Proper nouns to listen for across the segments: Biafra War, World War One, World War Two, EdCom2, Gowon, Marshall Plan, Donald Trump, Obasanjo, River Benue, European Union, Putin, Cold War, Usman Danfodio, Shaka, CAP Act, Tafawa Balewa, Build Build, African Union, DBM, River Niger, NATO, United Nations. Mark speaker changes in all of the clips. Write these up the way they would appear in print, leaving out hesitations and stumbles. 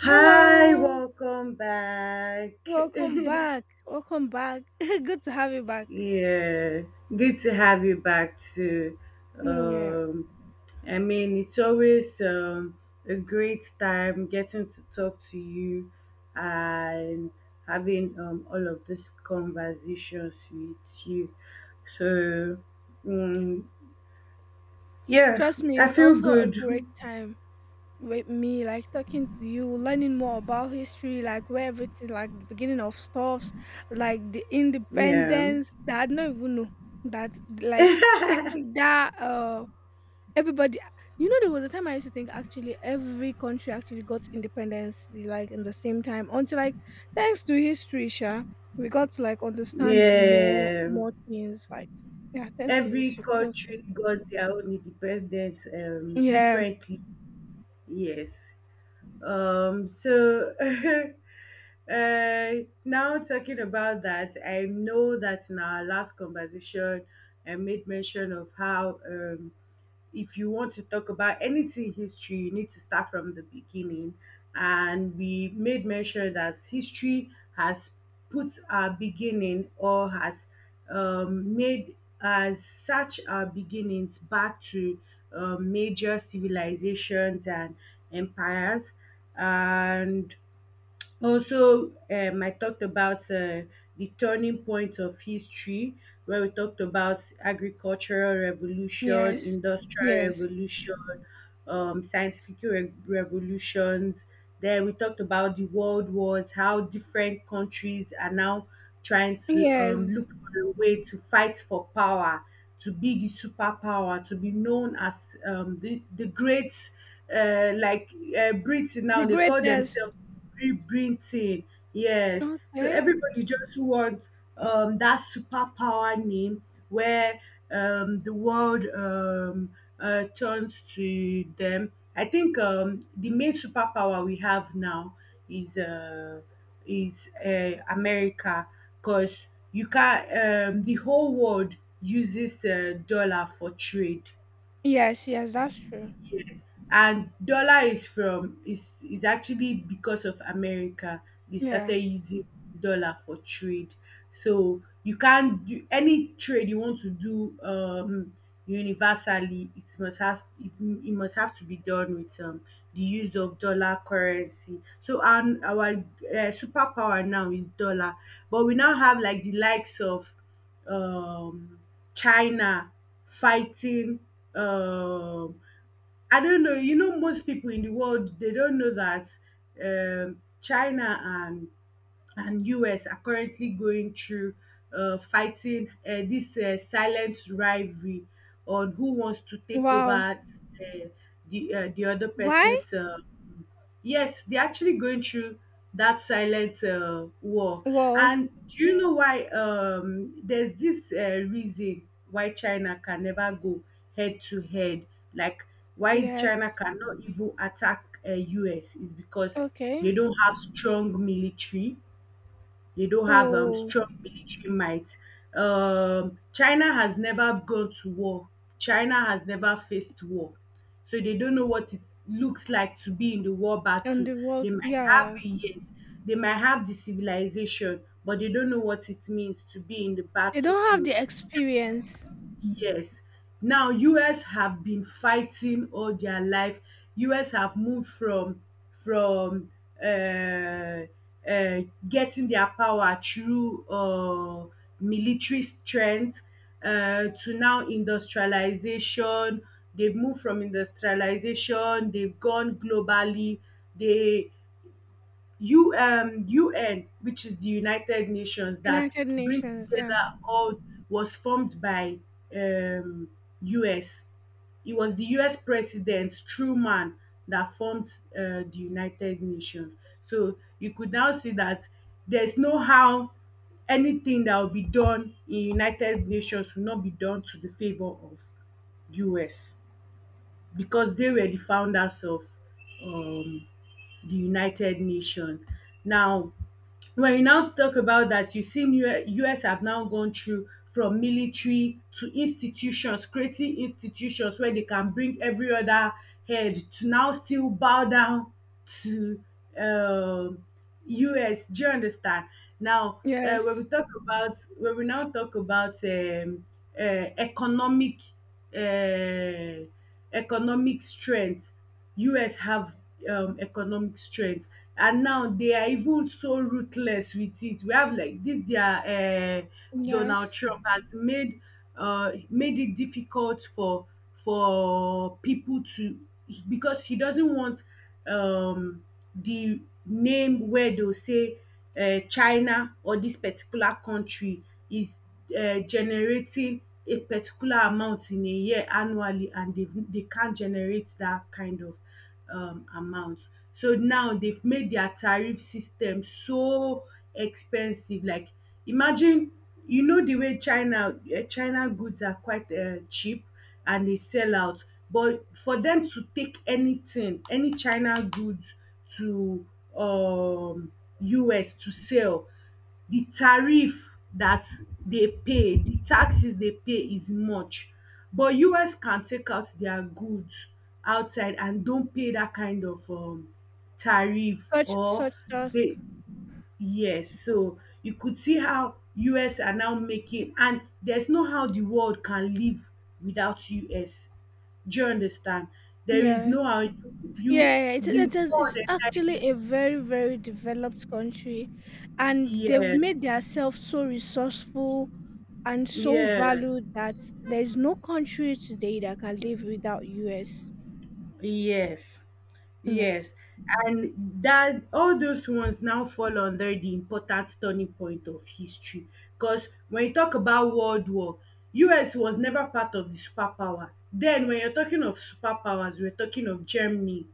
Speaker 1: Hi,
Speaker 2: Hello,
Speaker 1: welcome back.
Speaker 2: welcome back. Welcome back. Good to have you back.
Speaker 1: Yeah, good to have you back too.
Speaker 2: Yeah.
Speaker 1: Um, I mean, it's always a great time getting to talk to you and having all of these conversations with you. So, mm yeah,
Speaker 2: Trust me,
Speaker 1: I
Speaker 2: it's
Speaker 1: feel
Speaker 2: also a
Speaker 1: good.
Speaker 2: great time with me, like talking to you, learning more about history, like where everything, like the beginning of stuffs, like the
Speaker 1: Yeah.
Speaker 2: independence that I don't even know that, like, that, uh, Everybody there was a time I used to think actually every country actually got independence like in the same time until like thanks to history, sha, we got to like understand more
Speaker 1: Yeah.
Speaker 2: more things like yeah, thanks to
Speaker 1: Every
Speaker 2: history. Kudos to
Speaker 1: country
Speaker 2: it.
Speaker 1: got their own independence,
Speaker 2: Yeah.
Speaker 1: differently. Yes. So uh, now talking about that, I know that in our last conversation, I made mention of how, if you want to talk about anything history, you need to start from the beginning. And we made mention that history has put our beginning, or has made, has such our beginnings back to major civilizations and empires. And also, I talked about the turning point of history, where we talked about agricultural revolution,
Speaker 2: Yes.
Speaker 1: industrial
Speaker 2: Yes.
Speaker 1: revolution, scientific revolutions. Then we talked about the world wars, how different countries are now trying to,
Speaker 2: Yes.
Speaker 1: look for a way to fight for power, to be the superpower, to be known as the great, like, Brits
Speaker 2: The
Speaker 1: now, they call
Speaker 2: greatest.
Speaker 1: themselves rebreathing. Yes. So
Speaker 2: Okay.
Speaker 1: everybody just wants that superpower name, where the world turns to them. I think, the main superpower we have now is uh, is America, because, you can, the whole world uses dollar for trade.
Speaker 2: Yes, yes, that's true.
Speaker 1: Yes. And dollar is from is actually because of America. They
Speaker 2: Yeah.
Speaker 1: started using dollar for trade. So you can't do any trade you want to do, universally, it must has, it must have to be done with the use of dollar currency. So, and our superpower now is dollar, but we now have like the likes of um China, fighting, um I don't know. You know, most people in the world, they don't know that, China and US are currently going through, fighting, this silent rivalry on who wants to take
Speaker 2: Wow.
Speaker 1: over uh, the other
Speaker 2: Why?
Speaker 1: person's. Yes, they're actually going through that silent war.
Speaker 2: Well,
Speaker 1: And do you know why? There's this reason why China can never go head to head. Like, why
Speaker 2: yes.
Speaker 1: China cannot even attack, US is because they
Speaker 2: Okay.
Speaker 1: don't have strong military, they don't have
Speaker 2: Oh,
Speaker 1: strong military might. China has never gone to war. China has never faced war. So they don't know what it looks like to be in the war
Speaker 2: and
Speaker 1: battle.
Speaker 2: the world,
Speaker 1: They might have
Speaker 2: yeah.
Speaker 1: it, yes. They might have the civilization, but they don't know what it means to be in the
Speaker 2: They don't have
Speaker 1: battlefield.
Speaker 2: the experience.
Speaker 1: Yes. Now, US have been fighting all their life. US have moved from uh, uh, getting their power through military strength, to now industrialization. They've moved from industrialization, they've gone globally, they, U UN, which is the United Nations that
Speaker 2: United
Speaker 1: brings
Speaker 2: Nations, yeah.
Speaker 1: together all, was formed by um US. It was the US president Truman that formed the United Nations. So you could now see that there's no how anything that will be done in United Nations will not be done to the favour of US, because they were the founders of um, the United Nations. Now, when you now talk about that, you've seen US have now gone through from military to institutions, creating institutions where they can bring every other head to now still bow down to um US. Do you understand? Now, when
Speaker 2: Yes.
Speaker 1: we talk about when we now talk about uh, economic uh, economic strength, US have economic strength, and now they are even so ruthless with it. We have like this their
Speaker 2: Yes.
Speaker 1: Donald Trump has made it difficult for people to, because he doesn't want um, the name where they'll say China or this particular country is generating a particular amount in a year annually, and they can't generate that kind of amount. So now they've made their tariff system so expensive. Like, imagine, the way China, China goods are quite cheap, and they sell out, but for them to take anything, any China goods to um US to sell, the tariff that they pay, the taxes they pay, is much. But US can take out their goods outside and don't pay that kind of tariff,
Speaker 2: Such
Speaker 1: or
Speaker 2: such task.
Speaker 1: they yes, so you could see how US are now making, and there's no how the world can live without US. Do you understand? There is
Speaker 2: Yeah.
Speaker 1: no how you
Speaker 2: Yeah, it
Speaker 1: the
Speaker 2: it is
Speaker 1: world
Speaker 2: it's actually
Speaker 1: entirely,
Speaker 2: a very, very developed country, and they've made
Speaker 1: yes.
Speaker 2: themselves so resourceful and so
Speaker 1: Yeah.
Speaker 2: valued that there's no country today that can live without US.
Speaker 1: Yes.
Speaker 2: Yes.
Speaker 1: Yes, and that all those ones now fall under the important turning point of history. Because when you talk about World War, US was never part of the superpower. Then when you're talking of superpowers, we're talking of Germany,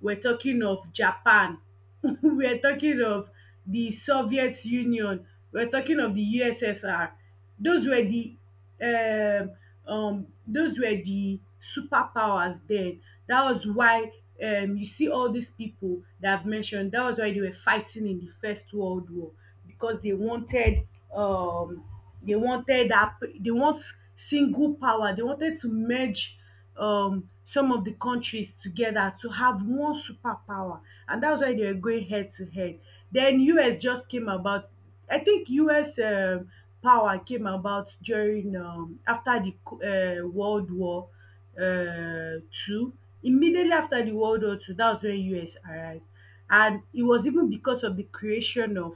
Speaker 1: we're talking of Japan. We're talking of the Soviet Union. We're talking of the USSR. Those were um, the superpowers then. That was why, you see all these people that I've mentioned. That was why they were fighting in the First World War, because um, they want single power. They wanted to merge some of the countries together to have one superpower, and that's why they were going head to head. Then US just came about. I think US power came about during, after the World War Two. Immediately after the World War Two, that was when US arrived, and it was even because of the creation of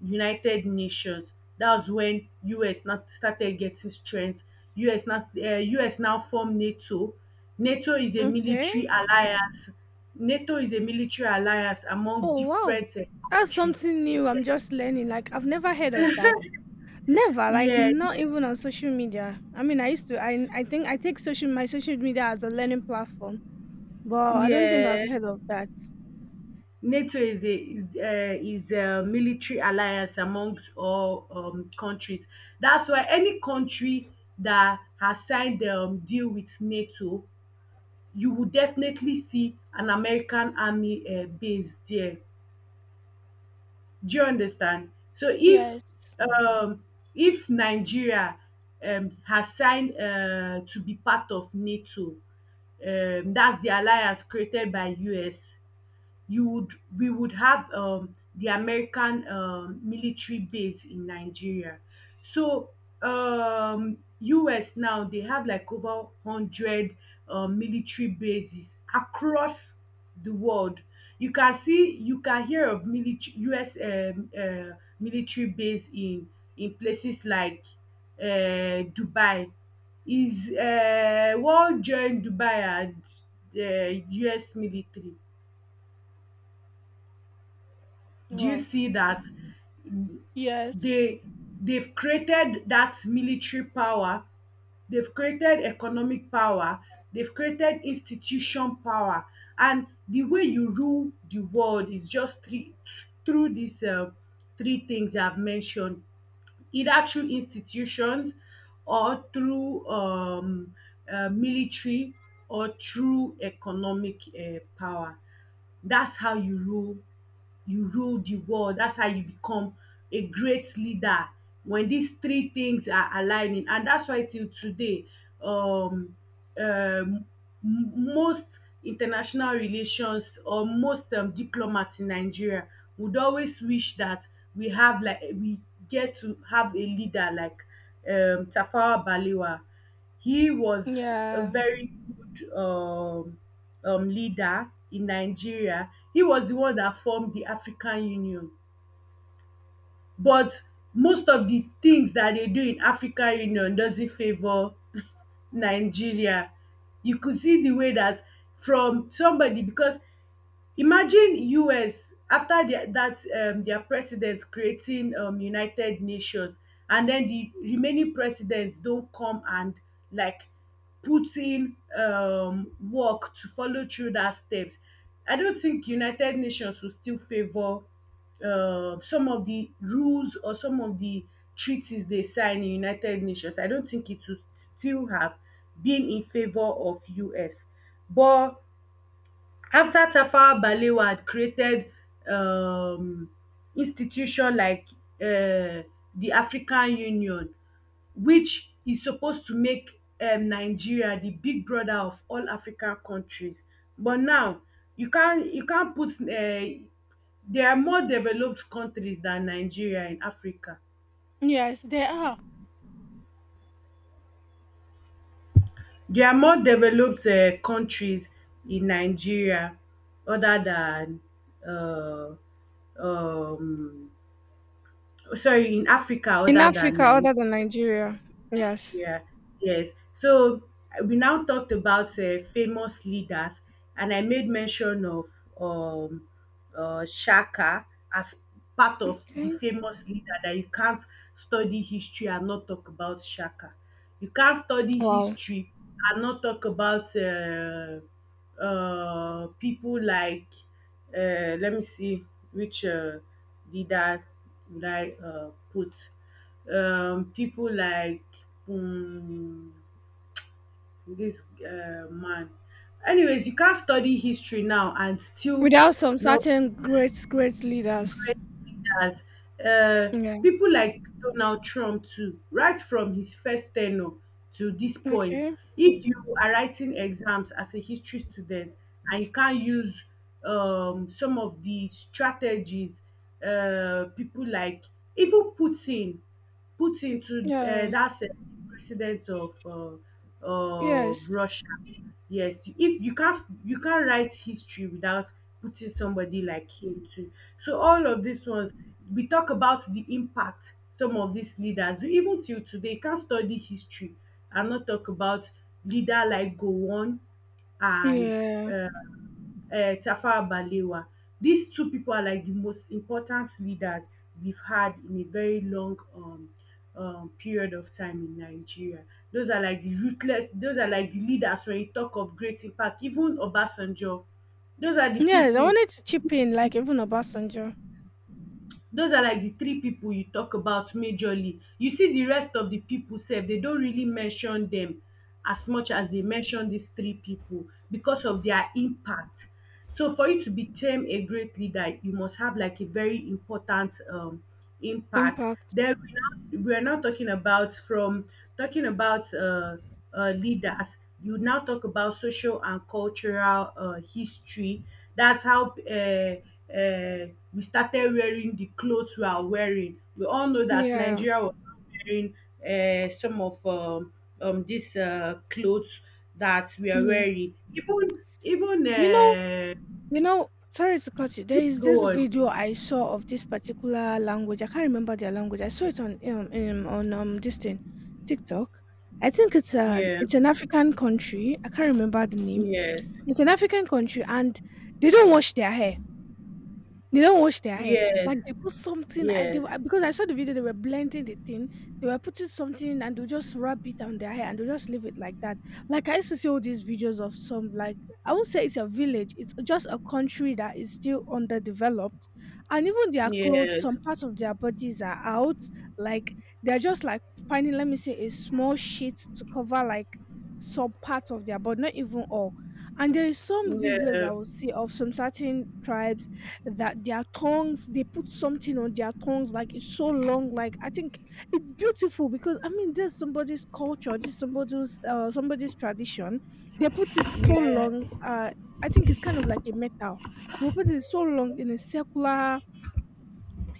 Speaker 1: United Nations. That's when US now started getting strength. Us now uh, us now formed NATO. NATO is a
Speaker 2: Okay.
Speaker 1: military alliance. NATO is a military alliance among
Speaker 2: Oh, wow.
Speaker 1: different
Speaker 2: That's
Speaker 1: countries,
Speaker 2: something new I'm
Speaker 1: yes.
Speaker 2: just learning. Like I've never heard of that. Never, like
Speaker 1: Yeah,
Speaker 2: not even on social media. I mean, I used to. I think I take social my social media as a learning platform, but I don't think
Speaker 1: yeah,
Speaker 2: I've heard of that.
Speaker 1: NATO is is a military alliance amongst all countries. That's why any country that has signed the deal with NATO, you would definitely see an American army base there. Do you understand? So,
Speaker 2: Yes.
Speaker 1: um, if Nigeria has signed to be part of NATO, that's the alliance created by US, you would we would have the American military base in Nigeria. So, US now they have like over 100 military bases across the world. You can see, you can hear of military base in places like Dubai. Is, world join Dubai and the US military. Do you
Speaker 2: Wow.
Speaker 1: see that?
Speaker 2: Yes.
Speaker 1: They they've created that military power, they've created economic power, they've created institution power, and the way you rule the world is just three, through these three things I've mentioned: either through institutions, or through military, or through economic power. That's how you rule the world. That's how you become a great leader, when these three things are aligning. And that's why till today, um, um, most international relations, or most diplomats in Nigeria would always wish that we get to have a leader like Tafawa Balewa. He was a
Speaker 2: Yeah.
Speaker 1: very good, leader in Nigeria. He was the one that formed the African Union. But most of the things that they do in African Union doesn't favor Nigeria. You could see the way that, from somebody, because, imagine US after their president creating United Nations, and den the remaining president don come and, like, put in work to follow through that step. I don think United Nations will still favour some of the rules, or some of the treaties they sign in United Nations. I don think it will still have been in favour of US. But after Tafawa Balewa had created um institution like um the African Union, which is supposed to make Nigeria the big brother of all African countries, but now, you can not put, there are more developed countries than Nigeria in Africa.
Speaker 2: Yes, there are
Speaker 1: There are more developed countries in Nigeria other than, um um sorry, in Africa
Speaker 2: in
Speaker 1: other than
Speaker 2: Africa other than Nigeria. Yes.
Speaker 1: Nigeria. Yes. So, we now talked about famous leaders, and I made mention of um, Shaka as part of the
Speaker 2: Okay.
Speaker 1: famous leader that you can't study history and not talk about Shaka. You can't study
Speaker 2: Wow.
Speaker 1: history and not talk about people like, let me see, which leader would I put? People like, um, this man. Anyways, you can't study history now and still
Speaker 2: Without some
Speaker 1: know
Speaker 2: certain great leaders.
Speaker 1: great leaders, uh,
Speaker 2: Yeah.
Speaker 1: people like Donald Trump too, right from his first tenure to this point.
Speaker 2: Okay.
Speaker 1: If you are writing exams as a history student, and you can't use some of the strategies, people like, even Putin, Putin to,
Speaker 2: Yeah.
Speaker 1: that's the president of of
Speaker 2: Yes.
Speaker 1: Russia. Yes, if you can't write history without putting somebody like him too. So all of these ones, we talk about the impact some of these leaders even till today. You can't study history and not talk about leader like Gowon and
Speaker 2: Yeah.
Speaker 1: uh, tafawa balewa. Dis two pipo are like di most important leaders we've had in a very long period of time in nigeria. Those are like di ruthless, those are like di leaders wen you tok of great impact, even obasanjo, those are di
Speaker 2: Yes. I
Speaker 1: pipo.
Speaker 2: wanted to chip in, like even Obasanjo
Speaker 1: Those are like the three people you talk about majorly. You see the rest of the people sef, they don't really mention them as much as they mention these three people because of their impact. So for you to become a great leader you must have like a very important impact.
Speaker 2: impact.
Speaker 1: Then we're not talking about from talking about leaders. You now talk about social and cultural history. That's how uh, we started wearing the clothes we are wearing. We all know that
Speaker 2: Yeah.
Speaker 1: Nigeria was not wearing some of these clothes that we are
Speaker 2: Yeah.
Speaker 1: wearing. Even even
Speaker 2: You know, You know, sorry to cut you. There
Speaker 1: Please
Speaker 2: is this
Speaker 1: go
Speaker 2: video
Speaker 1: on.
Speaker 2: I saw of this particular language. I can't remember their language. I saw it on this thing, TikTok. I think it's an
Speaker 1: Yeah.
Speaker 2: it's an African country. I can't remember the name.
Speaker 1: Yes.
Speaker 2: It's an African country, and they don't wash their hair. They don't wash their hair.
Speaker 1: Yes.
Speaker 2: Like they put something, I they
Speaker 1: Yes.
Speaker 2: were, because I saw the video, they were blending the thing. They were putting something and they just wrap it on their hair and they just leave it like that. Like I used to see all these videos of some like I won't say it's a village, it's just a country that is still underdeveloped. And even their clothes, some
Speaker 1: Yes,
Speaker 2: parts of their bodies are out. Like they're just like finding, let me say, a small sheet to cover like some parts of their body, not even all. And there is some videos
Speaker 1: yeah,
Speaker 2: I will see of some certain tribes that their tongues, they put something on their tongues, like it's so long. Like I think it's beautiful, because I mean there's somebody's culture, this somebody's tradition. They put it so
Speaker 1: yeah,
Speaker 2: long. I think it's kind of like a metal. They will put it so long in a circular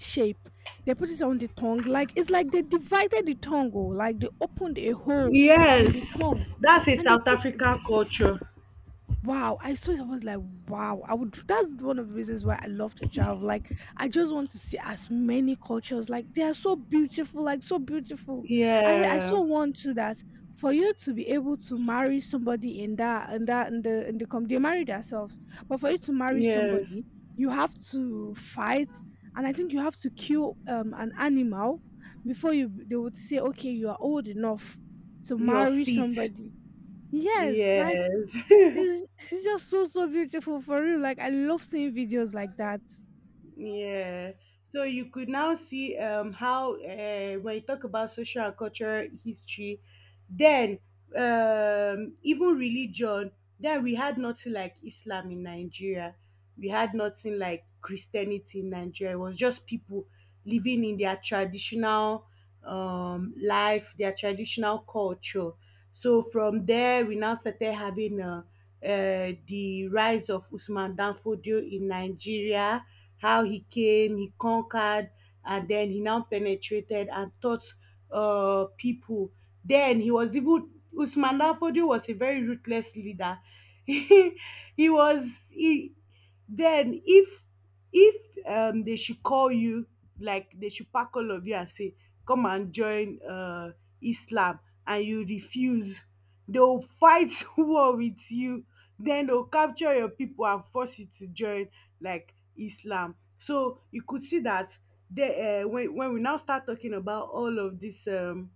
Speaker 2: shape. They put it on the tongue, like it's like they divided the tongue, oh, like they opened a hole in
Speaker 1: yes.
Speaker 2: the tongue,
Speaker 1: That's a
Speaker 2: and they
Speaker 1: South
Speaker 2: put —
Speaker 1: African culture.
Speaker 2: wow, I saw it. I was like, wow. I would — that's one of the reasons why I love to travel. Like, I just want to see as many cultures. Like, they are so beautiful, like so beautiful. I
Speaker 1: Yeah,
Speaker 2: so want to that — for you to be able to marry somebody in that, and that in the com they marry themselves. But for you to marry
Speaker 1: yes.
Speaker 2: somebody, you have to fight, and I think you have to kill an animal before you they would say, okay, you are old enough to
Speaker 1: Your
Speaker 2: marry
Speaker 1: feet.
Speaker 2: somebody. Yes, like
Speaker 1: Yes.
Speaker 2: it's just so beautiful for real. Like I love seeing videos like that.
Speaker 1: Yeah. So you could now see how, when you talk about social and cultural history, then even religion, then we had nothing like Islam in Nigeria. We had nothing like Christianity in Nigeria. It was just people living in their traditional life, their traditional culture. So from there, we now started having the rise of Usman Danfodio in Nigeria. How he came, he conquered, and then he now penetrated and taught people. Then he was even Usman Danfodio was a very ruthless leader. he he was he, then if if they should call you, like they should pack all of you and say come and join islam and you refuse, they'll fight war with you, then they'll capture your people and force you to join like Islam. So you could see that when we now start talking about all of these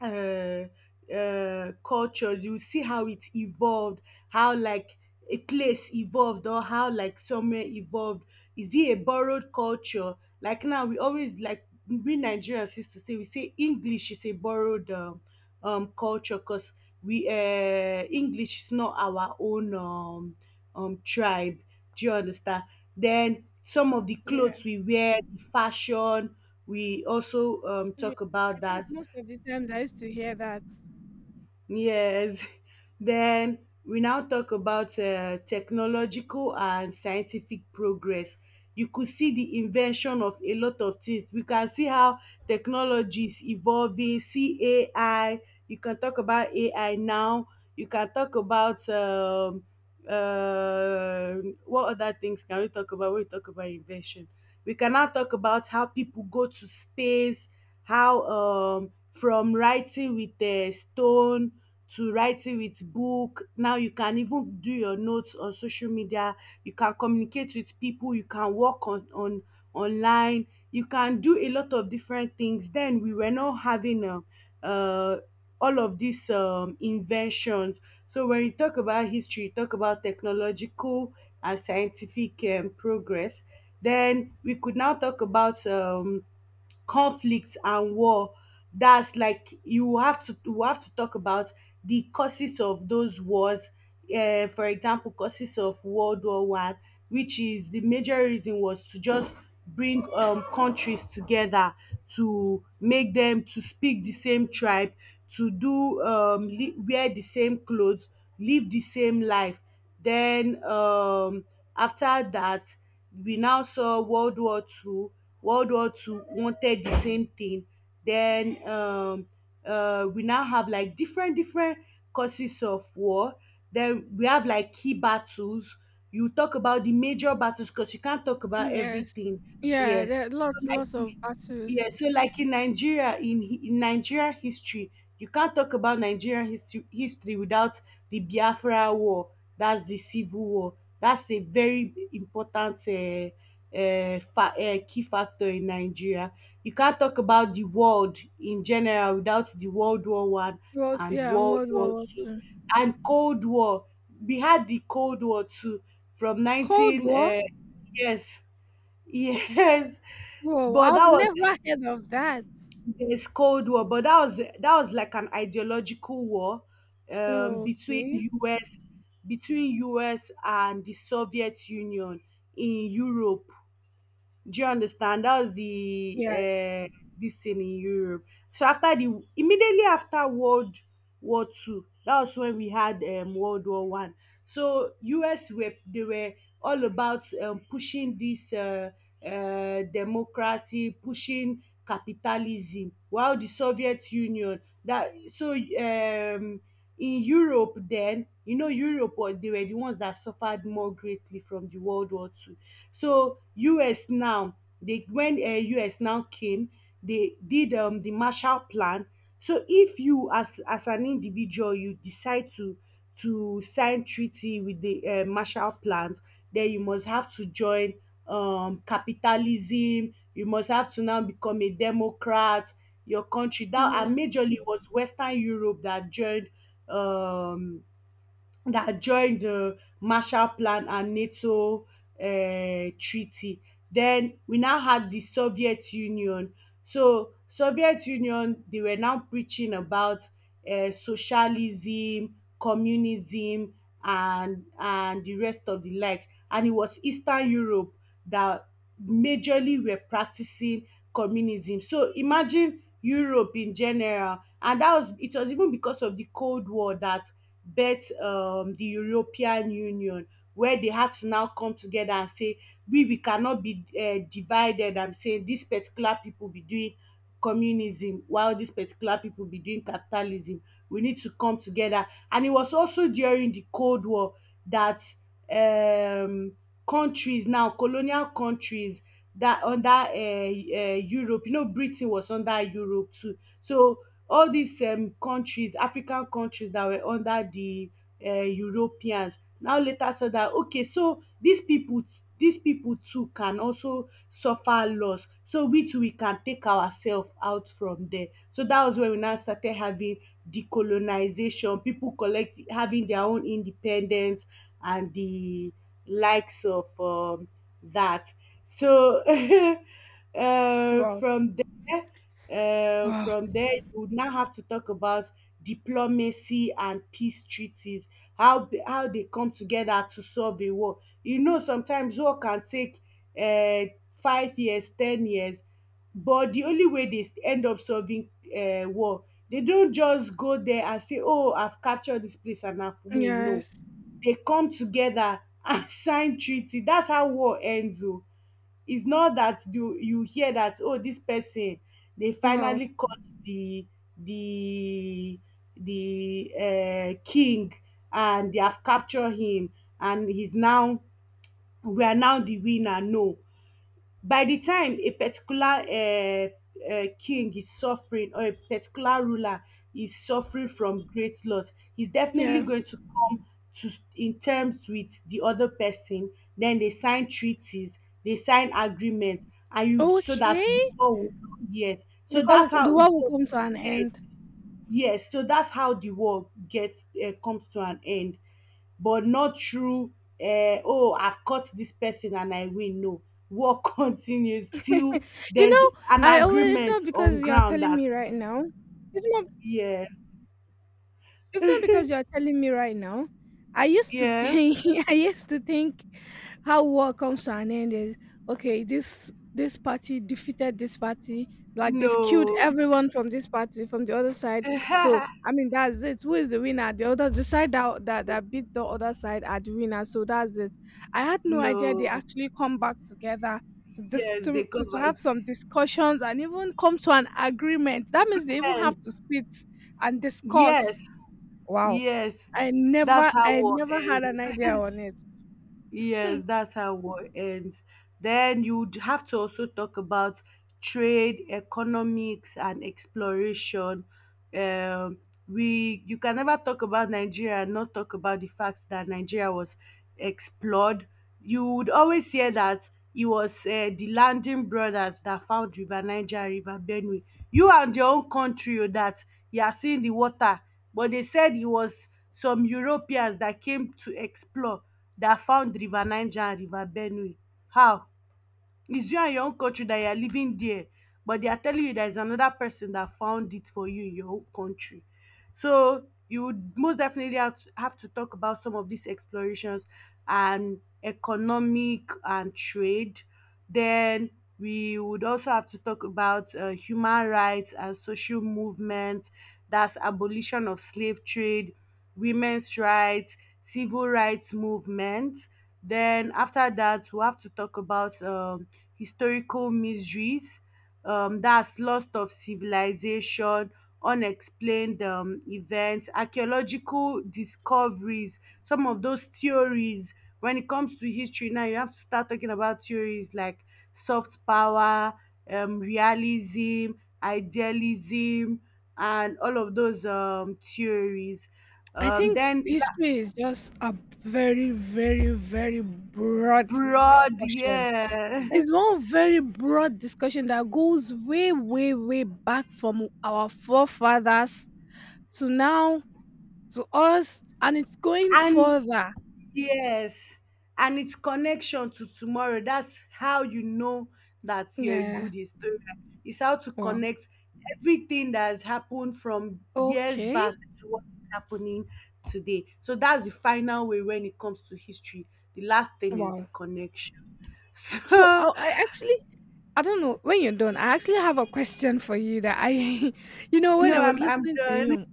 Speaker 1: uh, cultures, you see how it evolved, how like a place evolved or how like somewhere evolved. Is it a borrowed culture? Like now we always, like we nigerians used to say, we say english is a borrowed culture because we english is not our own tribe. Do you understand? Then some of the
Speaker 2: Yeah.
Speaker 1: clothes we wear, the fashion, we also
Speaker 2: Yeah,
Speaker 1: talk
Speaker 2: I
Speaker 1: about
Speaker 2: think
Speaker 1: that.
Speaker 2: most of the times I used to hear that.
Speaker 1: Yes. Then we now talk about technological and scientific progress. You could see the invention of a lot of things. We can see how technology is evolving. See AI. You can talk about AI now. You can talk about uh, what other things can we talk about when we talk about invention? We can now talk about how people go to space, how, from writing with a stone to writing with book. Now you can even do your notes on social media. You can communicate with people. You can work on online. You can do a lot of different things. Then we were not having all of these inventions. So when you talk about history, you talk about technological and scientific progress. Then we could now talk about conflict and war. That's like you have to we have to talk about the causes of those wars. For example, causes of World War I, which is the major reason was to just bring countries together, to make them to speak the same tribe, to do wear the same clothes, live the same life. Then, after that, we now saw World War II. World War Two wanted the same thing. Then we now have like different causes of war. Then we have like key battles. You talk about the major battles because you can't talk
Speaker 2: Mm.
Speaker 1: about
Speaker 2: Yes.
Speaker 1: everything.
Speaker 2: Yeah,
Speaker 1: Yes.
Speaker 2: there are
Speaker 1: So
Speaker 2: lots,
Speaker 1: like
Speaker 2: lots of battles.
Speaker 1: yeah, so like in Nigeria history, you can't talk about Nigerian history without the Biafra War. That's the civil war. That's a very important key factor in Nigeria. You can't talk about the world in general without the World War I
Speaker 2: World,
Speaker 1: and
Speaker 2: yeah, and
Speaker 1: World
Speaker 2: World War
Speaker 1: War
Speaker 2: War
Speaker 1: Two
Speaker 2: Two.
Speaker 1: and Cold War. We had the Cold War too from
Speaker 2: Cold
Speaker 1: nineteen.
Speaker 2: War?
Speaker 1: Yes, yes,
Speaker 2: Whoa,
Speaker 1: but
Speaker 2: I've
Speaker 1: that was,
Speaker 2: never heard of that.
Speaker 1: it's Cold War, but that was, that was like an ideological war between
Speaker 2: Okay.
Speaker 1: US, between US and the Soviet Union in Europe. Do you understand? That was the
Speaker 2: Yes.
Speaker 1: this thing in Europe. So after the, immediately after World War Two, that was when we had World War I. So US were, they were all about pushing this democracy, pushing capitalism, while the Soviet Union that so in Europe then, you know Europe was, they were the ones that suffered more greatly from the World War II. So US now, they when US now came, they did the Marshall Plan. So if you, as an individual, you decide to sign treaty with the Marshall Plan, then you must have to join capitalism, you must have to now become a democrat, your country that. And
Speaker 2: Yeah.
Speaker 1: majorly it was Western Europe um that joined the Marshall Plan and NATO treaty. Then we now had the Soviet Union. So Soviet Union, they were now preaching about socialism, communism and the rest of the likes, and it was Eastern Europe that majorly were practicing communism. So imagine Europe in general. And that was, it was even because of the Cold War that birth the European Union, where they had to now come together and say we cannot be divided, am saying this particular people be doing communism while this particular people be doing capitalism, we need to come together. And it was also during the cold war that um countries, now colonial countries, that under Europe, you know Britain was under Europe too, so all these countries, African countries that were under the Europeans, now later saw that okay, so these people, these people too can also suffer loss, so we too we can take ourselves out from there. So that was when we now started having decolonization, people collect having their own independence and the likes of dat. So
Speaker 2: Wow.
Speaker 1: from there,
Speaker 2: Wow.
Speaker 1: from there, you would now have to talk about diplomacy and peace treaties, how they come together to solve a war. You know, sometimes war can take uh, 5 years, 10 years, but the only way they end up solving war, they don't just go there and say, "Oh, I've captured this place and I've win." No,
Speaker 2: Yes.
Speaker 1: they come together and sign treaty. That's how war ends. Oh, it's not that you hear that oh this person they
Speaker 2: Wow.
Speaker 1: finally caught the the the king and they have captured him and he's now we are now the winner. No, by the time a particular king is suffering or a particular ruler is suffering from great loss, he's definitely
Speaker 2: Yeah.
Speaker 1: going to come to in terms with the other person. Then they sign treaties, they sign agreement, and you so that the
Speaker 2: Okay.
Speaker 1: war will not yes.
Speaker 2: The
Speaker 1: So
Speaker 2: call
Speaker 1: that's
Speaker 2: will — the
Speaker 1: how
Speaker 2: war will come to an end.
Speaker 1: yes. So that's how the war gets comes to an end, but not through “oh I've caught this person and I win,” no, war continues till
Speaker 2: You
Speaker 1: there's
Speaker 2: know,
Speaker 1: an
Speaker 2: I always if
Speaker 1: agreement
Speaker 2: not because
Speaker 1: on
Speaker 2: you are
Speaker 1: ground
Speaker 2: telling
Speaker 1: that
Speaker 2: me right now, if not
Speaker 1: yeah,
Speaker 2: If not because you're telling me right now, I used to
Speaker 1: yeah,
Speaker 2: think I used to think how war comes to an end is, okay, this party defeated this party, like they've killed
Speaker 1: no,
Speaker 2: everyone from this party, from the other side. So I mean that's it. Who is the winner? The other — the side that beats the other side are the winner. So that's it. I had no idea they
Speaker 1: no,
Speaker 2: actually come back together to this
Speaker 1: yes, they come
Speaker 2: to
Speaker 1: back.
Speaker 2: have some discussions and even come to an agreement. That means they even have to sit and
Speaker 1: Yes, yes,
Speaker 2: discuss. Wow.
Speaker 1: yes,
Speaker 2: I
Speaker 1: that's
Speaker 2: never
Speaker 1: how
Speaker 2: I
Speaker 1: war
Speaker 2: never had an
Speaker 1: ends.
Speaker 2: idea on it. Hmm.
Speaker 1: Yes, that's how war ends. Then you would have to also talk about trade, economics, and exploration. Um, we, you can never talk about Nigeria and not talk about the fact that Nigeria was explored. You would always hear that it was the landing brothers that found River Niger, River Benue. You and your own country oh, that you are seeing the water, but they said it was some Europeans that came to explore that found River Niger and River Benue. How? It's you and your own country that you are living there, but they are telling you there is another person that found it for you in your own country. So you would most definitely have to talk about some of these explorations and economic and trade. Then we would also have to talk about human rights and social movements. That's abolition of slave trade, women's rights, civil rights movement. Then after that, we have to talk about historical mysteries, that's loss of civilization, unexplained events, archaeological discoveries, some of those theories. When it comes to history now, you have to start talking about theories like soft power, realism, idealism, and all of those theories.
Speaker 2: I think
Speaker 1: Then
Speaker 2: history is just a very, very, very broad
Speaker 1: broad,
Speaker 2: discussion.
Speaker 1: yeah.
Speaker 2: It's one very broad discussion that goes way, way, way back from our forefathers to now to us, and it's going
Speaker 1: And
Speaker 2: further.
Speaker 1: yes, and it's connection to tomorrow. That's how you know that you're a
Speaker 2: Yeah.
Speaker 1: good historian. It's how to
Speaker 2: Wow.
Speaker 1: connect everything that has happened from years
Speaker 2: Okay.
Speaker 1: back to what is happening today. So that's the final way when it comes to history. The last thing is the
Speaker 2: Wow.
Speaker 1: connection.
Speaker 2: So I actually, I don't know when you're done. I actually have a question for you that I — you know,
Speaker 1: So
Speaker 2: when
Speaker 1: no,
Speaker 2: I was
Speaker 1: I'm
Speaker 2: listening to
Speaker 1: done.
Speaker 2: you,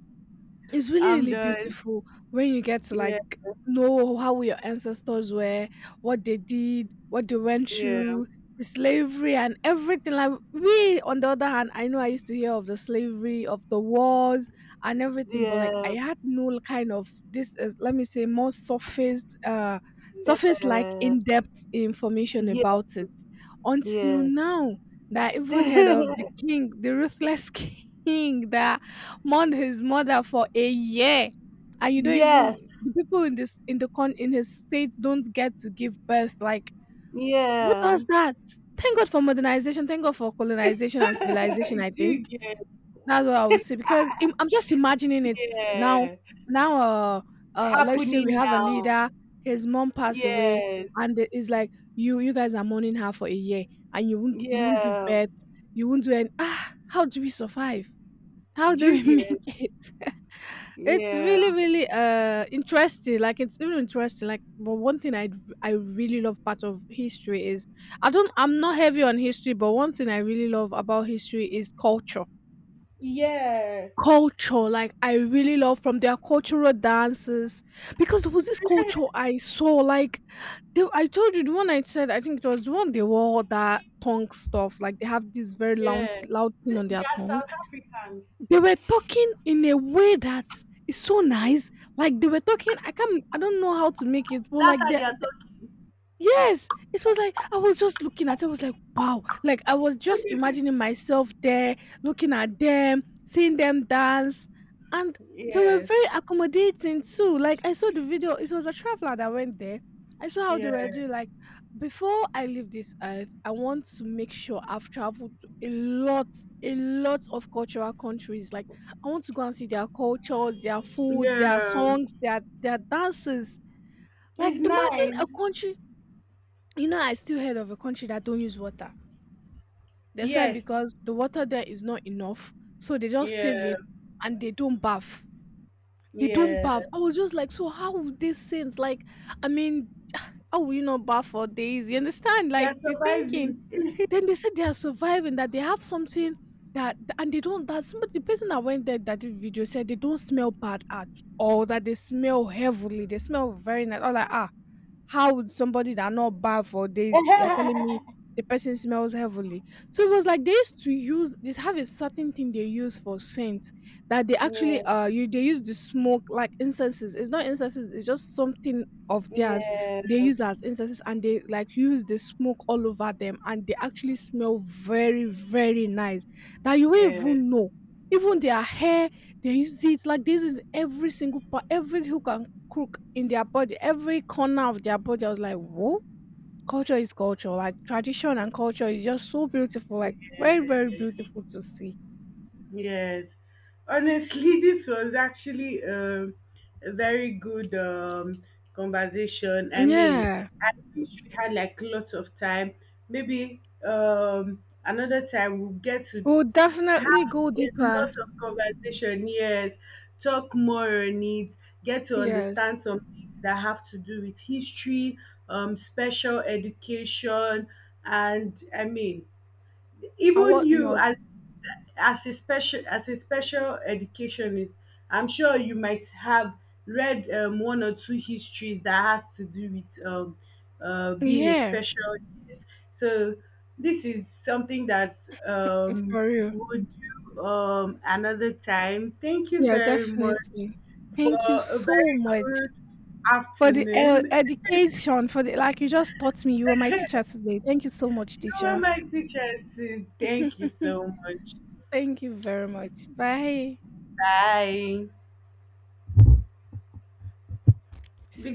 Speaker 2: it's really,
Speaker 1: I'm
Speaker 2: really
Speaker 1: done.
Speaker 2: beautiful when you get to like
Speaker 1: Yeah,
Speaker 2: know how your ancestors were, what they did, what they went
Speaker 1: yeah,
Speaker 2: through, the slavery and everything. Like we, on the other hand, I know I used to hear of the slavery, of the wars and everything, but like I
Speaker 1: yeah,
Speaker 2: had no kind of this. Let me say more surface, like
Speaker 1: uh,
Speaker 2: in depth information
Speaker 1: yeah,
Speaker 2: about it until
Speaker 1: yes,
Speaker 2: now. That I even heard of the king, the ruthless king that mourned his mother for a year, and you don't even —
Speaker 1: yes,
Speaker 2: the people in this, in the con — in his state don't get to give birth. Like, who
Speaker 1: yeah.
Speaker 2: does that? Thank God for modernization. Thank God for colonization and civilization.
Speaker 1: I
Speaker 2: I
Speaker 1: do
Speaker 2: think
Speaker 1: get
Speaker 2: that's what I would say, because I'm just imagining it now.
Speaker 1: yeah
Speaker 2: Now, let's say we
Speaker 1: happening
Speaker 2: have a
Speaker 1: now.
Speaker 2: leader. His mom passed away,
Speaker 1: Yes,
Speaker 2: and it's like you guys are mourning her for a year, and you won't give
Speaker 1: yeah.
Speaker 2: birth. You won't do any. Ah, how do we survive? How
Speaker 1: Do
Speaker 2: do
Speaker 1: you
Speaker 2: we
Speaker 1: get
Speaker 2: make it? It's
Speaker 1: yeah
Speaker 2: really, really interesting. Like it's really interesting. Like, but one thing I really love part of history is — I'm not heavy on history, but one thing I really love about history is culture.
Speaker 1: yeah
Speaker 2: Culture, like I really love, from their cultural dances, because there was this culture I saw. Like they — I told you the one I said. I think it was the one they wore all that tongue stuff. Like they have this very loud
Speaker 1: yeah.
Speaker 2: loud thing on
Speaker 1: They
Speaker 2: their
Speaker 1: are
Speaker 2: tongue.
Speaker 1: South Africans.
Speaker 2: They were talking in a way that is so nice. Like they were talking, I don't know how to make it, but
Speaker 1: That's
Speaker 2: like
Speaker 1: how
Speaker 2: they —
Speaker 1: they are talking.
Speaker 2: yes, it was like I was just looking at it. I was like, wow. Like I was just imagining myself there, looking at them, seeing them dance. And they were
Speaker 1: Yeah
Speaker 2: very accommodating too. Like I saw the video, it was a traveler that went there. I saw how they
Speaker 1: yeah
Speaker 2: were doing. Like before I leave this earth, I want to make sure I've traveled to a lot of cultural countries. Like I want to go and see their cultures, their foods, their
Speaker 1: yeah.
Speaker 2: songs, their dances. Like
Speaker 1: It's
Speaker 2: imagine
Speaker 1: nice.
Speaker 2: a country. I still heard of a country that don't use water. They said
Speaker 1: Yes
Speaker 2: because the water there is not enough, so they just save
Speaker 1: yeah
Speaker 2: it, and they don't bath. They don't
Speaker 1: yeah.
Speaker 2: bath. I was just like, so how would they sense, like I mean, how will you not bath for days? You understand,
Speaker 1: They are
Speaker 2: like the thinking?
Speaker 1: surviving.
Speaker 2: Then they said they are surviving, that they have something, that, and they don't — that somebody — the person that went there that did video said they don't smell bad at all, that they smell heavily, they smell very nice. All like, ah, how would somebody that not bath for days, you're
Speaker 1: Yeah,
Speaker 2: telling me the person smells heavily? So it was like they used to use — they have a certain thing they use for scent, that they actually you they use the smoke like incenses. It's not incenses, it's just something of theirs
Speaker 1: yeah
Speaker 2: they use as incenses, and they like use the smoke all over them, and they actually smell very very nice, that you won't
Speaker 1: yeah
Speaker 2: even know. Even their hair they use it, like this is every single part, every hook and crook in their body, every corner of their body. I was like, whoa, culture is culture. Like tradition and culture is just so beautiful, like very, very
Speaker 1: yeah.
Speaker 2: beautiful to see.
Speaker 1: Yes, honestly, this was actually a very good conversation. I mean,
Speaker 2: Yeah.
Speaker 1: I wish we had like lots of time. Maybe another time we'll get to
Speaker 2: We'll definitely
Speaker 1: have
Speaker 2: go
Speaker 1: a lot
Speaker 2: deeper.
Speaker 1: of conversation. Yes, talk more on it, get to
Speaker 2: Yes.
Speaker 1: understand some things that have to do with history, special education, and I mean,
Speaker 2: And
Speaker 1: even you
Speaker 2: whatnot.
Speaker 1: as a special educationist, I'm sure you might have read 1 or 2 histories that has to do with being a
Speaker 2: Yeah.
Speaker 1: special yes. So this is something that um,
Speaker 2: For real.
Speaker 1: we'll do another time. Thank you
Speaker 2: Yeah,
Speaker 1: very much
Speaker 2: definitely.
Speaker 1: for
Speaker 2: Thank you
Speaker 1: a
Speaker 2: so
Speaker 1: very
Speaker 2: much
Speaker 1: good
Speaker 2: for the
Speaker 1: afternoon.
Speaker 2: education. For the like, you just taught me. You were my teacher today. Thank you so much,
Speaker 1: You were
Speaker 2: teacher.
Speaker 1: my teacher too, thank you so much.
Speaker 2: Thank you very much. Bye.
Speaker 1: Bye. Big